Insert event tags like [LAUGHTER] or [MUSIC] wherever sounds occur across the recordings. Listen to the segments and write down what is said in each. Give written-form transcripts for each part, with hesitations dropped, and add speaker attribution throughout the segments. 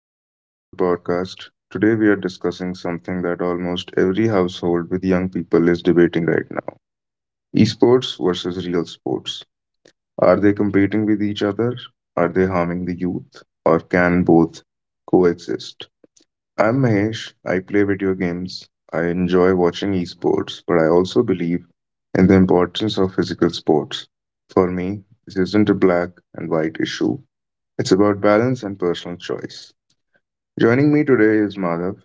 Speaker 1: Welcome back to the podcast. Today, we are discussing something that almost every household with young people is debating right now, esports versus real sports. Are they competing with each other? Are they harming the youth? Or can both coexist? I'm Mahesh. I play video games. I enjoy watching esports, but I also believe in the importance of physical sports. For me, this isn't a black and white issue, it's about balance and personal choice. Joining me today is Madhav.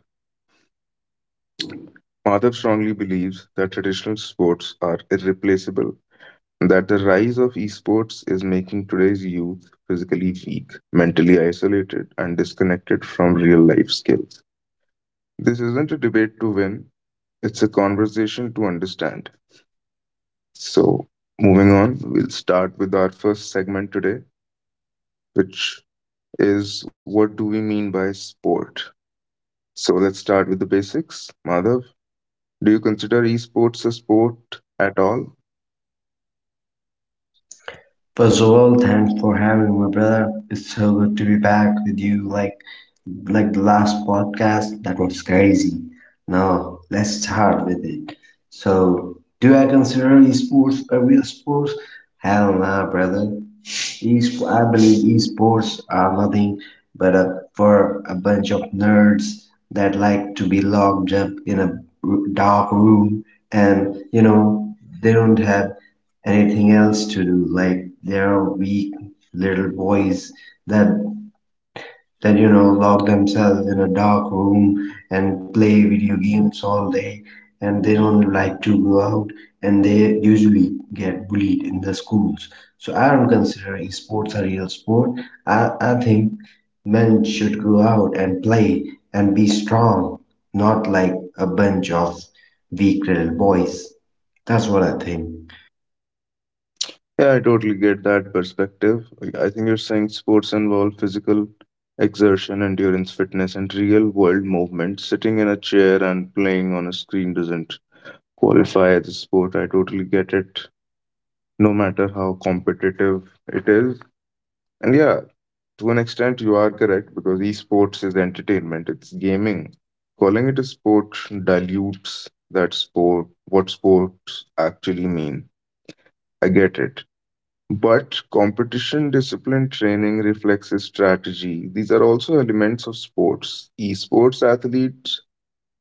Speaker 1: Madhav strongly believes that traditional sports are irreplaceable and that the rise of esports is making today's youth physically weak, mentally isolated, and disconnected from real life skills. This isn't a debate to win, it's a conversation to understand. So, moving on, we'll start with our first segment today, which is, what do we mean by sport? So, let's start with the basics. Madhav, do you consider esports a sport at all?
Speaker 2: First of all, thanks for having me, brother. It's so good to be back with you. Like the last podcast, that was crazy. Now let's start with it. So, do I consider esports a real sport? Hell nah, brother. East, I believe esports are nothing but for a bunch of nerds that like to be locked up in a dark room, and they don't have anything else to do. Like they're weak little boys that that lock themselves in a dark room and play video games all day, and they don't like to go out, and they usually get bullied in the schools. So I don't consider sports a real sport. I think men should go out and play and be strong, not like a bunch of weak little boys. That's what I think.
Speaker 1: Yeah, I totally get that perspective. I think you're saying sports involve physical exertion, endurance, fitness, and real world movement. Sitting in a chair and playing on a screen doesn't qualify as a sport. I totally get it, no matter how competitive it is. And yeah, to an extent, you are correct because esports is entertainment, it's gaming. Calling it a sport dilutes that sport, what sports actually mean. I get it. But competition, discipline, training, reflexes, strategy, these are also elements of sports. Esports athletes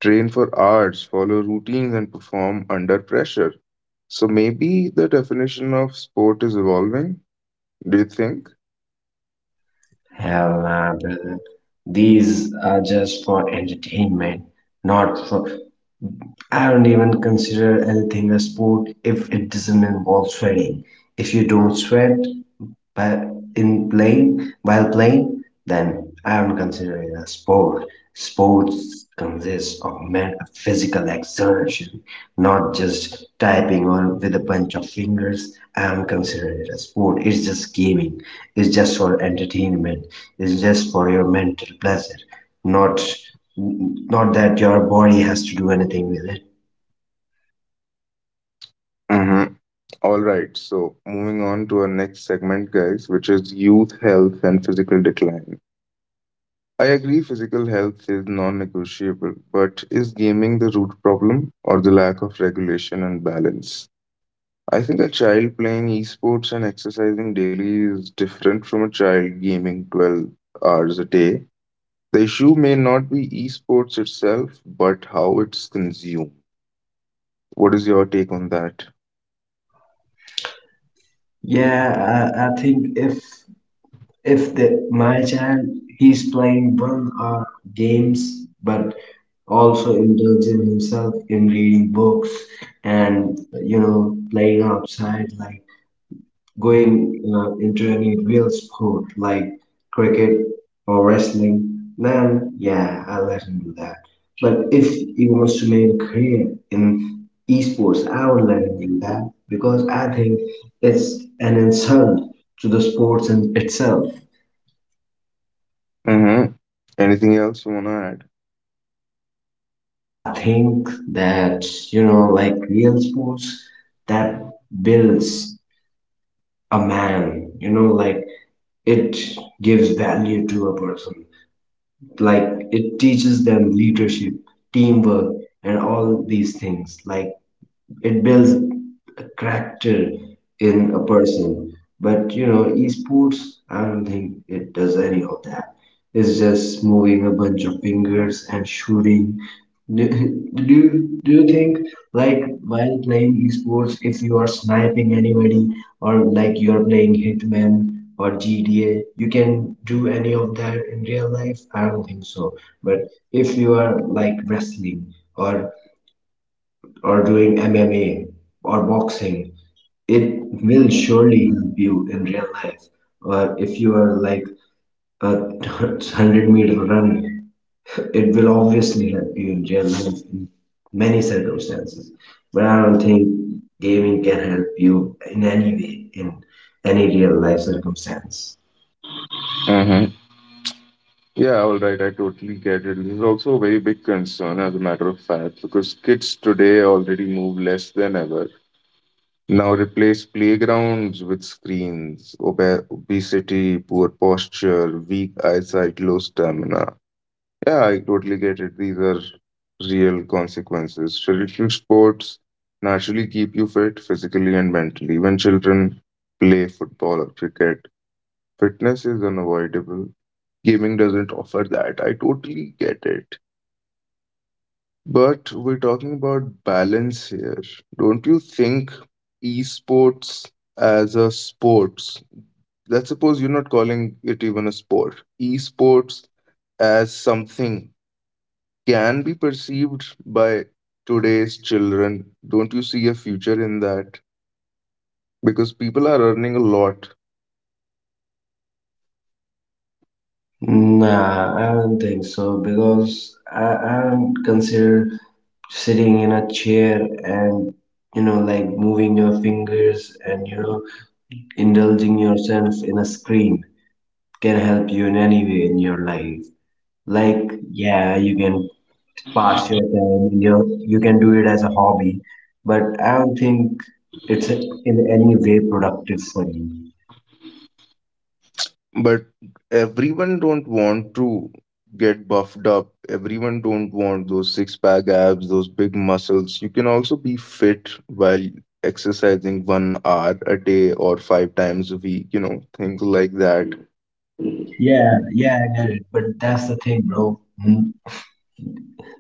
Speaker 1: train for hours, follow routines, and perform under pressure. So maybe the definition of sport is evolving, do you think?
Speaker 2: Hell nah, brother, these are just for entertainment, not for— I don't even consider anything a sport if it doesn't involve sweating. If you don't sweat by in playing, then I don't consider it a sport. Sports consists of men physical exertion, not just typing on with a bunch of fingers. I don't consider it a sport. It's just gaming. It's just for entertainment. It's just for your mental pleasure. Not not that your body has to do anything with it.
Speaker 1: Mm-hmm. All right, so moving on to our next segment, guys, which is youth health and physical decline. I agree physical health is non negotiable, but is gaming the root problem or the lack of regulation and balance? I think a child playing esports and exercising daily is different from a child gaming 12 hours a day. The issue may not be esports itself, but how it's consumed. What is your take on that?
Speaker 2: Yeah, I think if the my child, he's playing one or games, but also indulging himself in reading books and, playing outside, like going into any real sport like cricket or wrestling, then yeah, I'll let him do that. But if he wants to make a career in esports, I will let him do that, because I think it's an insult to the sports in itself.
Speaker 1: Mm-hmm. Anything else you want to add?
Speaker 2: I think that, like real sports, that builds a man. You know, like it gives value to a person. Like it teaches them leadership, teamwork, and all these things. Like it builds a character in a person. But you know, esports, I don't think it does any of that. It's just moving a bunch of fingers and shooting. Do, do you think, like, while playing esports, if you are sniping anybody, or like you're playing Hitman or GTA, you can do any of that in real life? I don't think so. But if you are like wrestling or doing MMA or boxing, it will surely help you in real life. Or if you are like a [LAUGHS] 100-meter run, it will obviously help you in real life in many circumstances. But I don't think gaming can help you in any way in any real life circumstance.
Speaker 1: Mm-hmm. Yeah, all right. I totally get it. This is also a very big concern, as a matter of fact, because kids today already move less than ever. Now replace playgrounds with screens, obesity, poor posture, weak eyesight, low stamina. Yeah, I totally get it. These are real consequences. Traditional sports naturally keep you fit physically and mentally. When children play football or cricket, fitness is unavoidable. Gaming doesn't offer that. I totally get it. But we're talking about balance here. Don't you think esports as a sports, let's suppose you're not calling it even a sport, esports as something can be perceived by today's children. Don't you see a future in that? Because people are earning a lot.
Speaker 2: Nah, I don't think so, because I don't consider sitting in a chair and, you know, like moving your fingers and, you know, indulging yourself in a screen can help you in any way in your life. Like yeah, you can pass your time, you know, you can do it as a hobby, but I don't think it's in any way productive for you.
Speaker 1: But everyone don't want to get buffed up, everyone don't want those six pack abs, those big muscles. You can also be fit while exercising 1 hour a day or 5 times a week, you know, things like that.
Speaker 2: Yeah, I get it. But that's the thing, bro. Mm,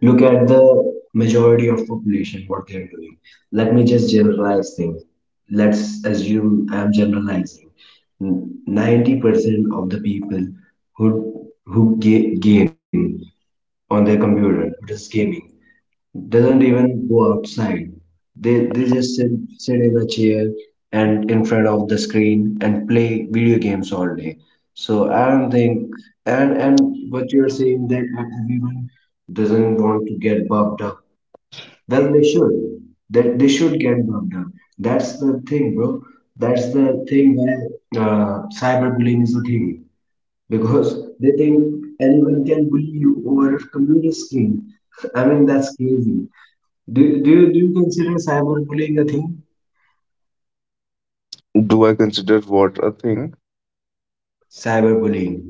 Speaker 2: Look at the majority of population, what they are doing. Let me just generalize things. Let's assume I'm generalizing. 90% of the people who game on their computer, who does gaming, doesn't even go outside. They just sit in a chair and in front of the screen and play video games all day. So I don't think— And what you're saying, that everyone doesn't want to get buffed up. Well, they should. That they should get buffed up. That's the thing, bro. That's the thing where cyberbullying is a thing, because they think anyone can bully you over a computer screen. [LAUGHS] I mean, that's crazy. Do you consider cyberbullying a thing?
Speaker 1: Do I consider what a thing?
Speaker 2: Cyberbullying.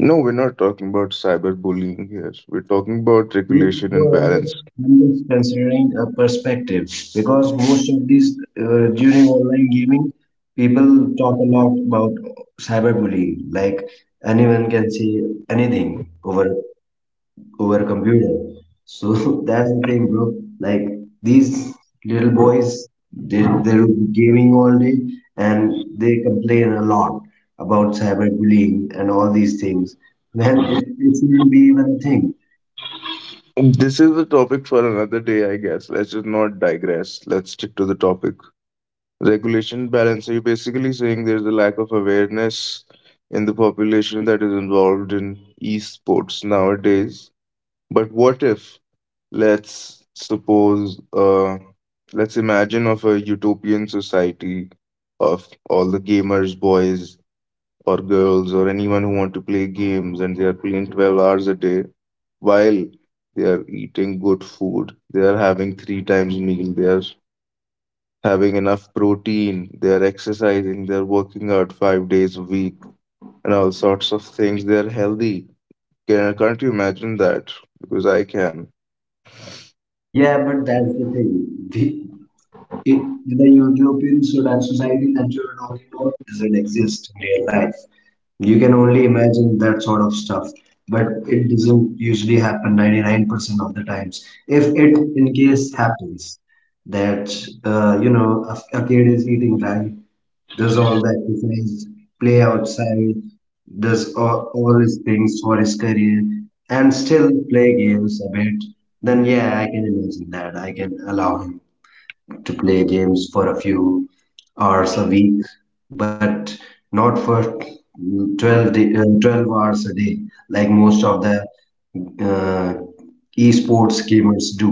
Speaker 1: No, we're not talking about cyberbullying here, we're talking about
Speaker 2: No,
Speaker 1: regulation and
Speaker 2: no,
Speaker 1: balance.
Speaker 2: I'm just considering a perspective, because most of these during online gaming, people talk a lot about cyberbullying. Like anyone can say anything over a computer. So [LAUGHS] that's the thing, bro. Like these little boys, they're gaming all day, and they complain a lot about cyberbullying and all these things. Then it shouldn't be even a thing.
Speaker 1: This is a topic for another day, I guess. Let's just not digress, let's stick to the topic, regulation balance. So you're basically saying there's a lack of awareness in the population that is involved in esports nowadays. But what if, let's suppose, let's imagine of a utopian society of all the gamers, boys or girls, or anyone who want to play games, and they are playing 12 hours a day while they are eating good food, they are having three times meal, they are having enough protein, they're exercising, they're working out 5 days a week, and all sorts of things. They're healthy. Can, can't you imagine that? Because I can.
Speaker 2: Yeah, but that's the thing. The, the utopian that society that you're talking about doesn't exist in real life. You can only imagine that sort of stuff, but it doesn't usually happen 99% of the times. If it in case happens that, you know, a kid is eating right, does all the exercise, play outside, does all his things for his career, and still play games a bit, then yeah, I can imagine that. I can allow him to play games for a few hours a week, but not for 12 hours a day, like most of the uh, esports gamers do.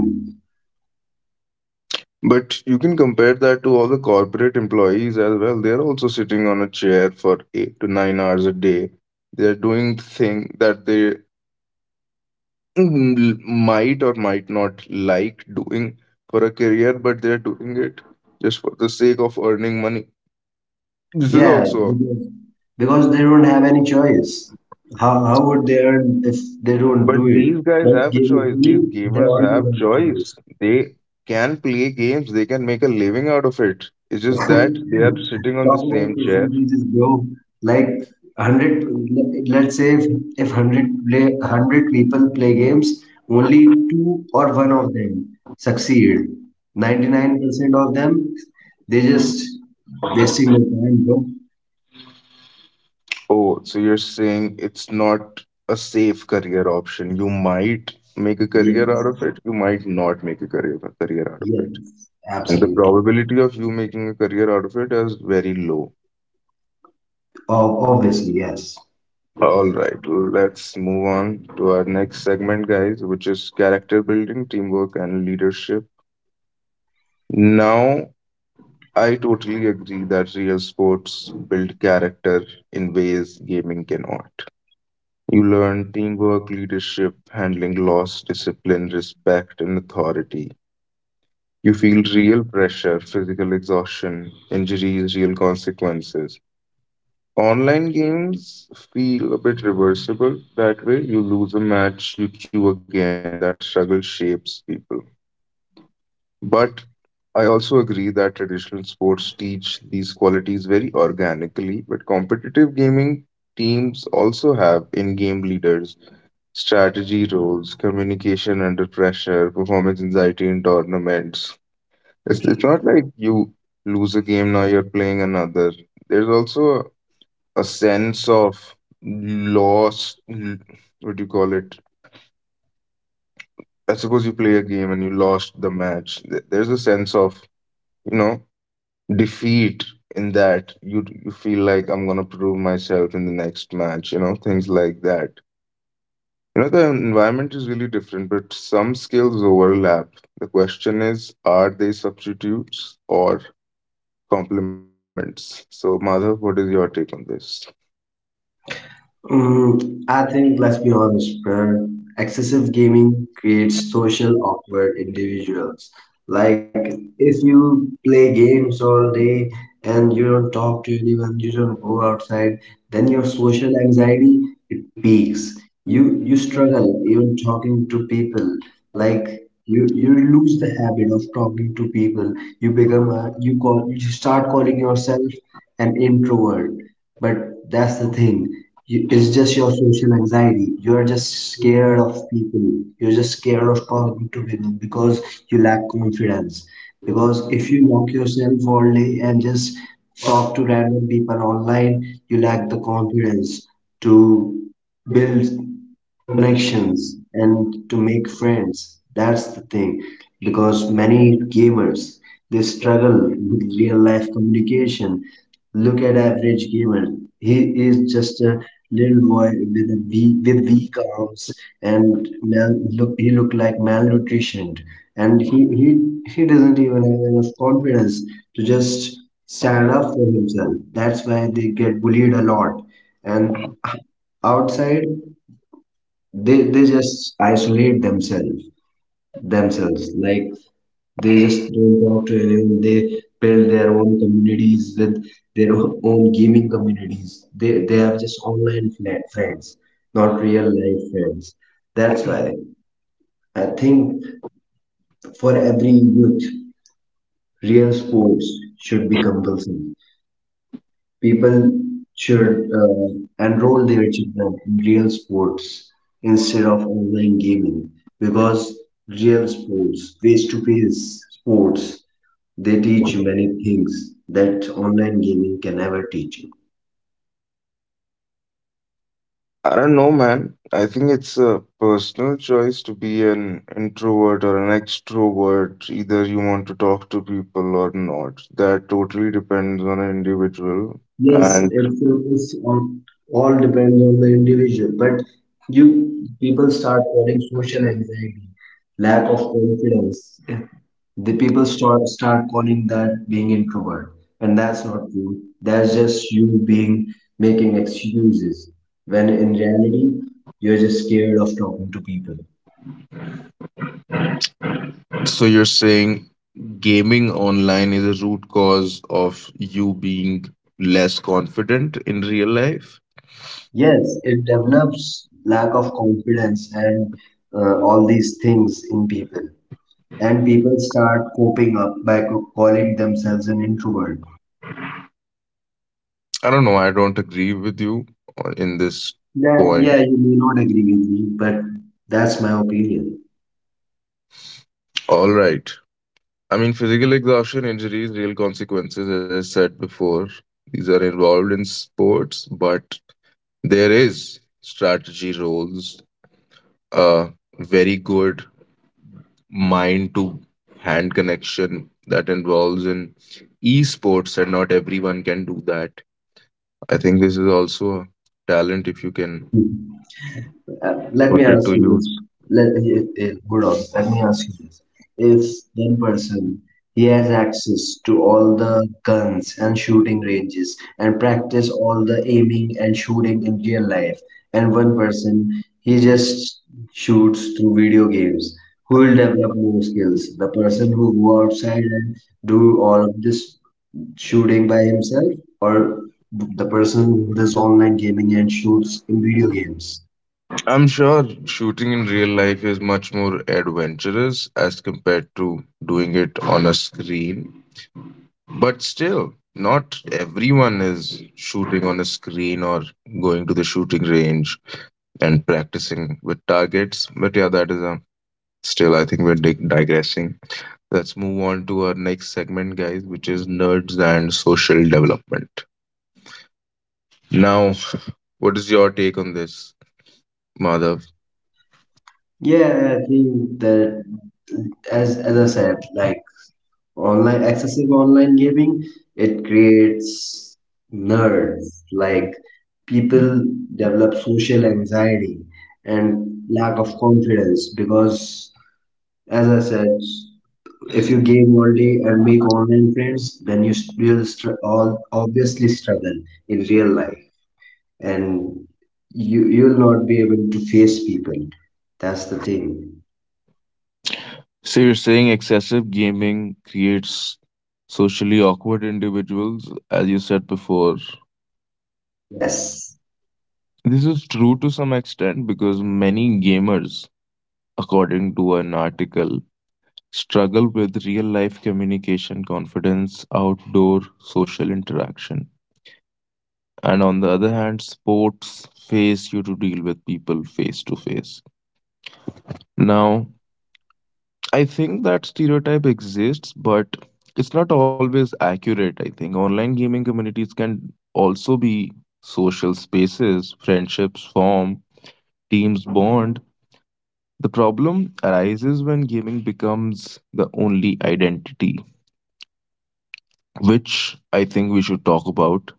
Speaker 1: But you can compare that to all the corporate employees as well. They're also sitting on a chair for 8 to 9 hours a day. They're doing thing that they might or might not like doing for a career, but they're doing it just for the sake of earning money. This is
Speaker 2: Yeah,
Speaker 1: also.
Speaker 2: because they don't have any choice. How would they earn if they don't do
Speaker 1: But these
Speaker 2: it?
Speaker 1: guys
Speaker 2: But
Speaker 1: have a choice. These
Speaker 2: gaming, they
Speaker 1: gamers
Speaker 2: always
Speaker 1: have
Speaker 2: have a
Speaker 1: choice.
Speaker 2: choice.
Speaker 1: They can play games. They can make a living out of it. It's just
Speaker 2: Talk
Speaker 1: that they are sitting on the
Speaker 2: about
Speaker 1: same chair.
Speaker 2: percentages, bro. Like hundred, let's say if hundred play hundred people play games, only two or one of them succeed. 99% of them, they just wasting their time, bro.
Speaker 1: Oh, so you're saying it's not a safe career option. You might make a career out of
Speaker 2: Yes,
Speaker 1: it. You might not make a career out of it.
Speaker 2: yes,
Speaker 1: And the
Speaker 2: absolutely.
Speaker 1: probability of you making a career out of it is very low.
Speaker 2: Obviously, yes.
Speaker 1: All right, let's move on to our next segment, guys, which is character building, teamwork, and leadership. Now, I totally agree that real sports build character in ways gaming cannot. You learn teamwork, leadership, handling loss, discipline, respect, and authority. You feel real pressure, physical exhaustion, injuries, real consequences. Online games feel a bit reversible. That way, you lose a match, you queue again. That struggle shapes people. But I also agree that traditional sports teach these qualities very organically, but competitive gaming teams also have in game leaders, strategy roles, communication under pressure, performance anxiety in tournaments. It's not like you lose a game, now you're playing another. There's also a sense of loss. l- What do you call it? I suppose you play a game and you lost the match. There's a sense of, you know, defeat in that, you feel like I'm gonna prove myself in the next match, you know, things like that. You know, the environment is really different, but some skills overlap. The question is, are they substitutes or complements? So, Madhav, what is your take on this?
Speaker 2: I think, let's be honest, Prayer. Excessive gaming creates social awkward individuals. Like, if you play games all day and you don't talk to anyone, you don't go outside, then your social anxiety, it peaks. You struggle even talking to people. Like you lose the habit of talking to people. You become a— you start calling yourself an introvert. But that's the thing, you, it's just your social anxiety. You're just scared of people. You're just scared of talking to people because you lack confidence. Because if you lock yourself all day and just talk to random people online, you lack the confidence to build connections and to make friends. That's the thing. Because many gamers, they struggle with real life communication. Look at average gamer, he is just a little boy with weak arms, and look he look like malnutritioned, and he doesn't even have enough confidence to just stand up for himself. That's why they get bullied a lot. And outside, they just isolate themselves. Like they just don't talk to anyone. They build their own communities with their own gaming communities. They have just online friends, not real life friends. That's why I think for every youth, real sports should be compulsory. People should uh, enroll their children in real sports instead of online gaming, because real sports, face to face sports, they teach you many things that online gaming can never teach you.
Speaker 1: I don't know, man. I think it's a personal choice to be an introvert or an extrovert. Either you want to talk to people or not. That totally depends on an individual.
Speaker 2: Yes,
Speaker 1: And.
Speaker 2: it depends on— all depends on the individual, but you people start getting social anxiety, lack of confidence. The people start calling that being introvert, and that's not true. That's just you being— making excuses when in reality you're just scared of talking to people.
Speaker 1: So you're saying gaming online is a root cause of you being less confident in real life?
Speaker 2: Yes, it develops lack of confidence and, all these things in people, and people start coping up by calling themselves an introvert.
Speaker 1: I don't know. I don't agree with you in this
Speaker 2: Yeah,
Speaker 1: point.
Speaker 2: yeah, you may not agree with me, but that's my opinion.
Speaker 1: All right. I mean, physical exhaustion, injuries, real consequences, as I said before, these are involved in sports, but there is strategy roles, uh, very good mind to hand connection that involves in esports, and not everyone can do that. I think this is also a talent if you can
Speaker 2: [LAUGHS] Let me
Speaker 1: put it
Speaker 2: ask
Speaker 1: to
Speaker 2: you this.
Speaker 1: use.
Speaker 2: Let good on. Let me ask you this. If one person, he has access to all the guns and shooting ranges and practice all the aiming and shooting in real life, and one person, he just shoots through video games, who will develop more skills? The person who go outside and do all of this shooting by himself, or the person who does online gaming and shoots in video games?
Speaker 1: I'm sure shooting in real life is much more adventurous as compared to doing it on a screen. But still, not everyone is shooting on a screen or going to the shooting range and practicing with targets. But yeah, that is a still, I think we're digressing. Let's move on to our next segment, guys, which is nerds and social development. Now, what is your take on this, Madhav?
Speaker 2: Yeah, I think that, as I said, like online— excessive online gaming, it creates nerds. Like people develop social anxiety and lack of confidence because, as I said, if you game all day and make online friends, then you s- will str- all obviously struggle in real life, and you'll not be able to face people. That's the thing.
Speaker 1: So you're saying excessive gaming creates socially awkward individuals, as you said before.
Speaker 2: Yes.
Speaker 1: This is true to some extent because many gamers, according to an article, struggle with real life communication, confidence, outdoor social interaction. And on the other hand, sports face you to deal with people face to face. Now, I think that stereotype exists, but it's not always accurate. I think online gaming communities can also be social spaces, friendships form, teams bond. The problem arises when gaming becomes the only identity, which I think we should talk about.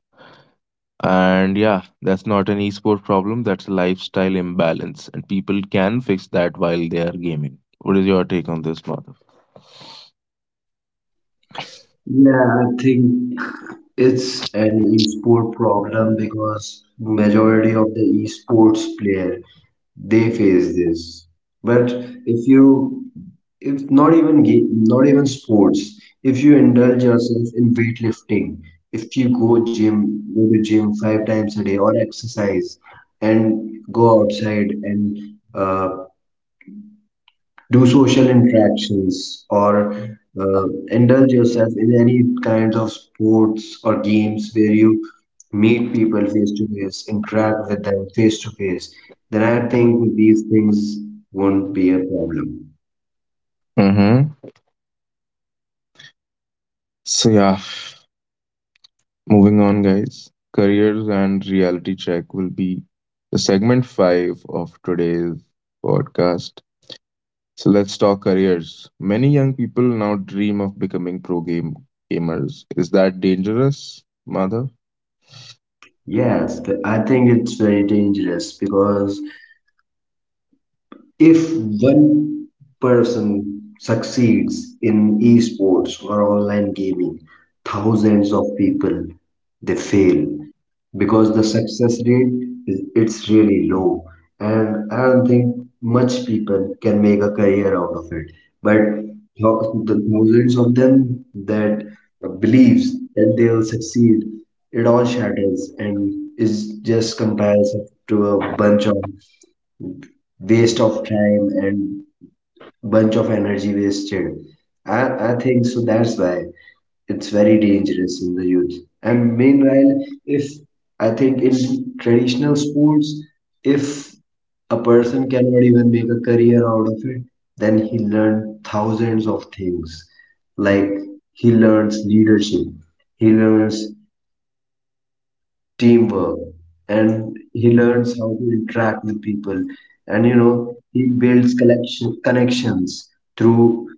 Speaker 1: And yeah, that's not an esport problem, that's a lifestyle imbalance, and people can fix that while they are gaming. What is your take on this, Madhav?
Speaker 2: Yeah, I think it's an esport problem, because majority of the esports player, they face this. But if you— if not even game, not even sports, if you indulge yourself in weightlifting, if you go gym, go to gym 5 times a day or exercise, and go outside and, uh, do social interactions, or uh, indulge yourself in any kinds of sports or games where you meet people face to face, interact with them face to face, then I think these things won't be a problem.
Speaker 1: Mm-hmm. So yeah, moving on, guys. Careers and reality check will be the segment 5 of today's podcast. So let's talk careers. Many young people now dream of becoming pro gamers. Is that dangerous, Madhav?
Speaker 2: Yes, the— I think it's very dangerous because if one person succeeds in esports or online gaming, thousands of people they fail, because the success rate is— it's really low, and I don't think much people can make a career out of it. But the thousands of them that believes that they will succeed, it all shatters and is just comparison to a bunch of waste of time and bunch of energy wasted. I think so that's why it's very dangerous in the youth. And meanwhile, if I think in traditional sports, if a person cannot even make a career out of it, then he learned thousands of things. Like he learns leadership, he learns teamwork, and he learns how to interact with people. And you know, he builds collection connections through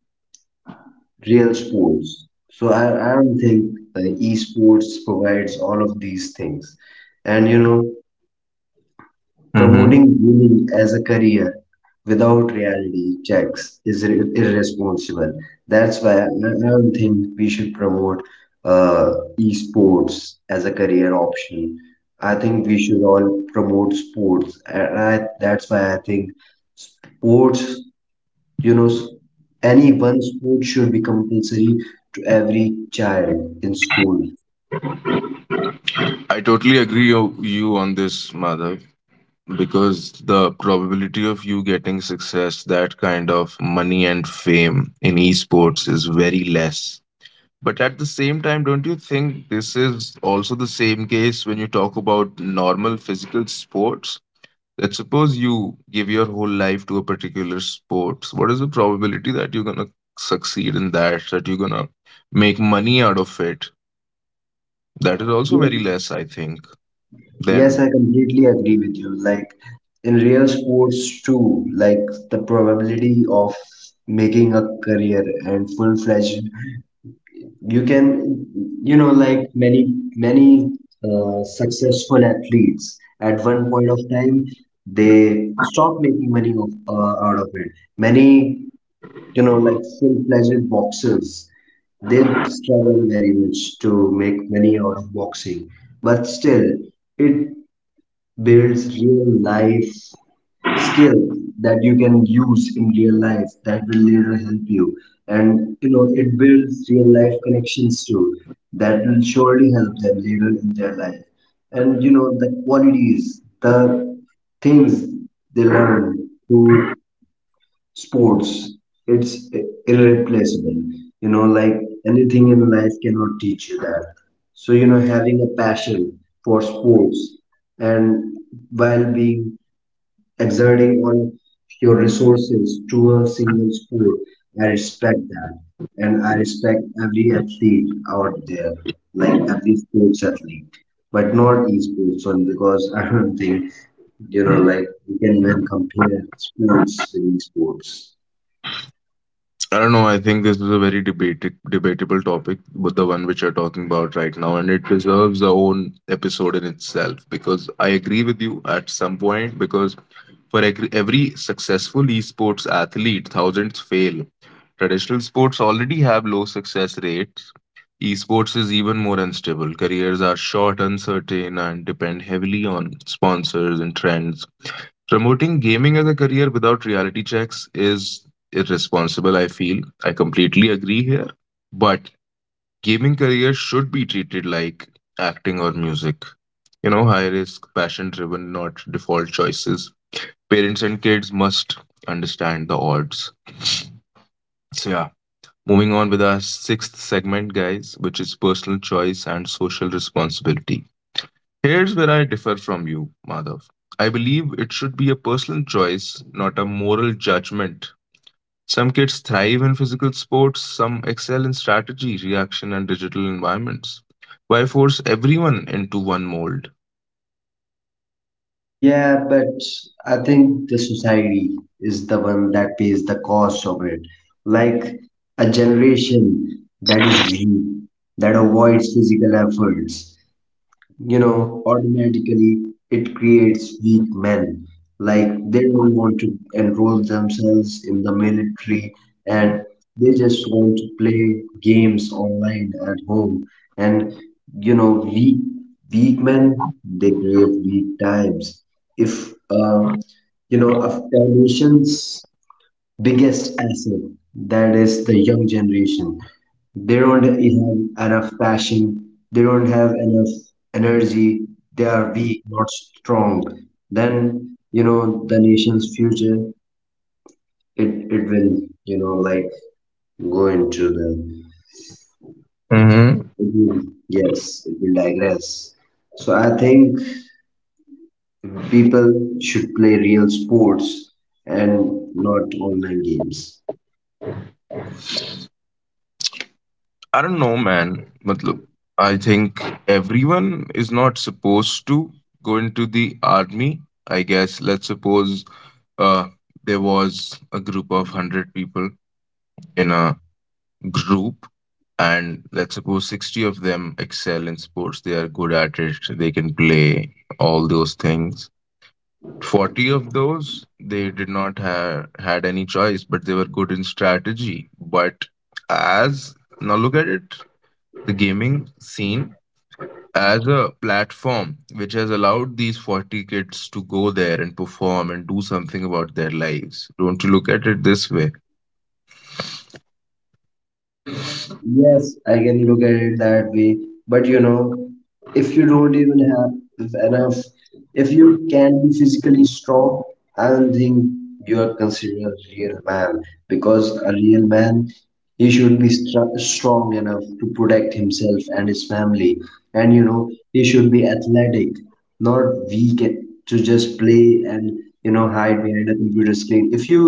Speaker 2: real sports. So I don't think esports provides all of these things. And you know,
Speaker 1: Mm-hmm.
Speaker 2: promoting gaming as a career without reality checks is irresponsible. That's why I don't think we should promote uh, esports as a career option. I think we should all promote sports, and I, that's why I think sports you know, any one sport should be compulsory to every child in school.
Speaker 1: I totally agree you on this, Madhav, because the probability of you getting success, that kind of money and fame in esports is very less. But at the same time, don't you think this is also the same case when you talk about normal physical sports? Let's suppose you give your whole life to a particular sports. What is the probability that you're gonna succeed in that? That you're gonna make money out of it? That is also
Speaker 2: Yeah.
Speaker 1: very less, I think.
Speaker 2: Yes, I
Speaker 1: Then
Speaker 2: completely agree with you. Like in real sports too, like the probability of making a career and full-fledged, you can, you know, like many successful athletes at one point of time they stop making money of, out of it. Many you know, like full-fledged boxers, they struggle very much to make money out of boxing. But still, it builds real life skill that you can use in real life that will later help you. And you know, it builds real life connections too that will surely help them later in their life. And you know, the qualities, the things they learn to sports it's irreplaceable, you know, like anything in life cannot teach you that. So you know, having a passion for sports and while being exerting all your resources to a single sport, I respect that, and I respect every athlete out there, like every sports athlete, but not esports one because [LAUGHS] I don't think, you know, like you can even compare sports with esports.
Speaker 1: I don't know. I think this is a very debated, debatable topic, but the one which you're talking about right now, and it deserves a own episode in itself. Because I agree with you at some point. Because for every successful esports athlete, thousands fail. Traditional sports already have low success rates. Esports is even more unstable. Careers are short, uncertain, and depend heavily on sponsors and trends. Promoting gaming as a career without reality checks is irresponsible, I feel. I completely agree here. But gaming careers should be treated like acting or music. You know, high risk, passion driven, not default choices. Parents and kids must understand the odds. So, yeah, moving on with our sixth segment, guys, which is personal choice and social responsibility. Here's where I differ from you, Madhav. I believe it should be a personal choice, not a moral judgment. Some kids thrive in physical sports, some excel in strategy, reaction, and digital environments. Why force everyone into one mold?
Speaker 2: Yeah, but I think the society is the one that pays the cost of it. Like a generation that is weak, that avoids physical efforts, you know, automatically it creates weak men. Like they don't want to enroll themselves in the military and they just want to play games online at home. And you know, weak men, they create weak times. If you know, if biggest asset, that is the young generation, they don't have enough passion, they don't have enough energy, they are weak not strong, then you know, the nation's future, it it will, you know, like go into the, it will, yes it will digress. So I think people should play real sports and not online games.
Speaker 1: I don't know, man. Matlab, I think everyone is not supposed to go into the army. I guess let's suppose, uh, there was a group of 100 people in a group, and let's suppose 60 of them excel in sports. They are good at it, so they can play all those things. 40 of those, they did not have had any choice, but they were good in strategy. But as now look at it, the gaming scene as a platform which has allowed these 40 kids to go there and perform and do something about their lives. Don't you look at it this way?
Speaker 2: Yeah, yes, I can look at it that way. But you know, if you don't even have enough, if you can be physically strong, I don't think you are considered a real man, because a real man, he should be strong enough to protect himself and his family, and you know, he should be athletic, not we get to just play and, you know, hide behind a computer screen. If you,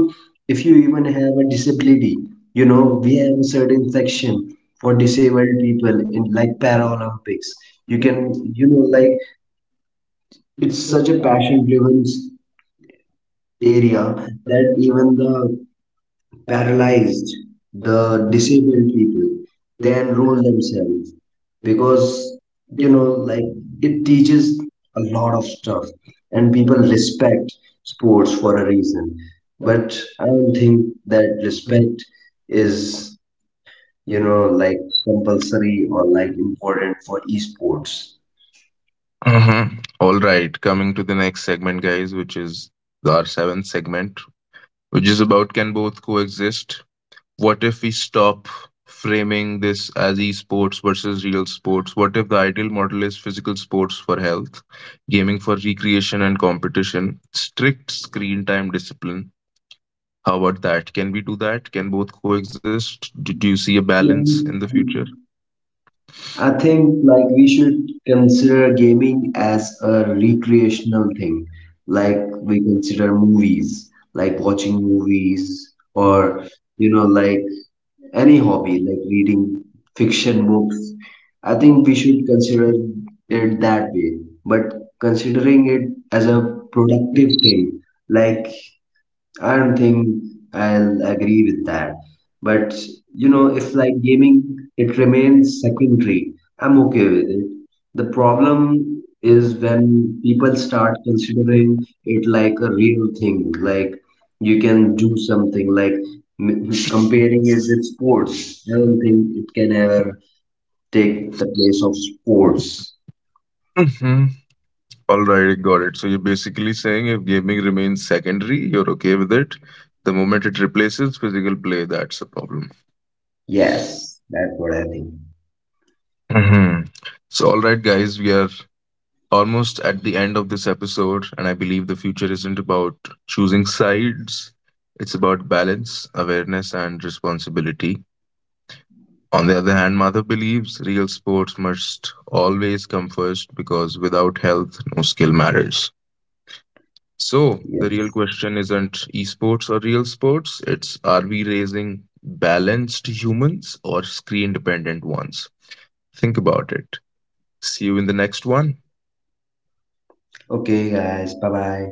Speaker 2: if you even have a disability, you know, we have a certain section for disabled people in like Paralympics. You can, you know, like it's such a passion driven area that even the paralyzed, the disabled people, they enroll themselves, because you know, like it teaches a lot of stuff, and people respect sports for a reason. But I don't think that respect is, you know, like compulsory or like important for esports.
Speaker 1: Uh-huh. All right, coming to the next segment, guys, which is our seventh segment, which is about, can both coexist? What if we stop framing this as esports versus real sports? What if the ideal model is physical sports for health, gaming for recreation and competition, strict screen time discipline? How about that? Can we do that? Can both coexist? Do you see a balance in the
Speaker 2: Yeah,
Speaker 1: future?
Speaker 2: I think like we should consider gaming as a recreational thing, like we consider movies, like watching movies or, you know, like any hobby, like reading fiction books. I think we should consider it that way, but considering it as a productive thing, like I don't think I'll agree with that. But you know, if like gaming, it remains secondary, I'm okay with it. The problem is when people start considering it like a real thing, like you can do something, like comparing it with sports. I don't think it can ever take the place of sports.
Speaker 1: Mhm. All right, I got it. So you're basically saying if gaming remains secondary, you're okay with it. The moment it replaces physical play, that's a problem.
Speaker 2: Yes, that's what I think.
Speaker 1: Hmm. So, all right, guys, we are almost at the end of this episode, and I believe the future isn't about choosing sides, it's about balance, awareness, and responsibility. On the other hand, Madhav believes real sports must always come first because without health, no skill matters. So, the real
Speaker 2: Yes.
Speaker 1: question isn't esports or real sports, it's, are we raising balanced humans or screen dependent ones? Think about it. See you in the next one.
Speaker 2: Okay, guys. Bye bye.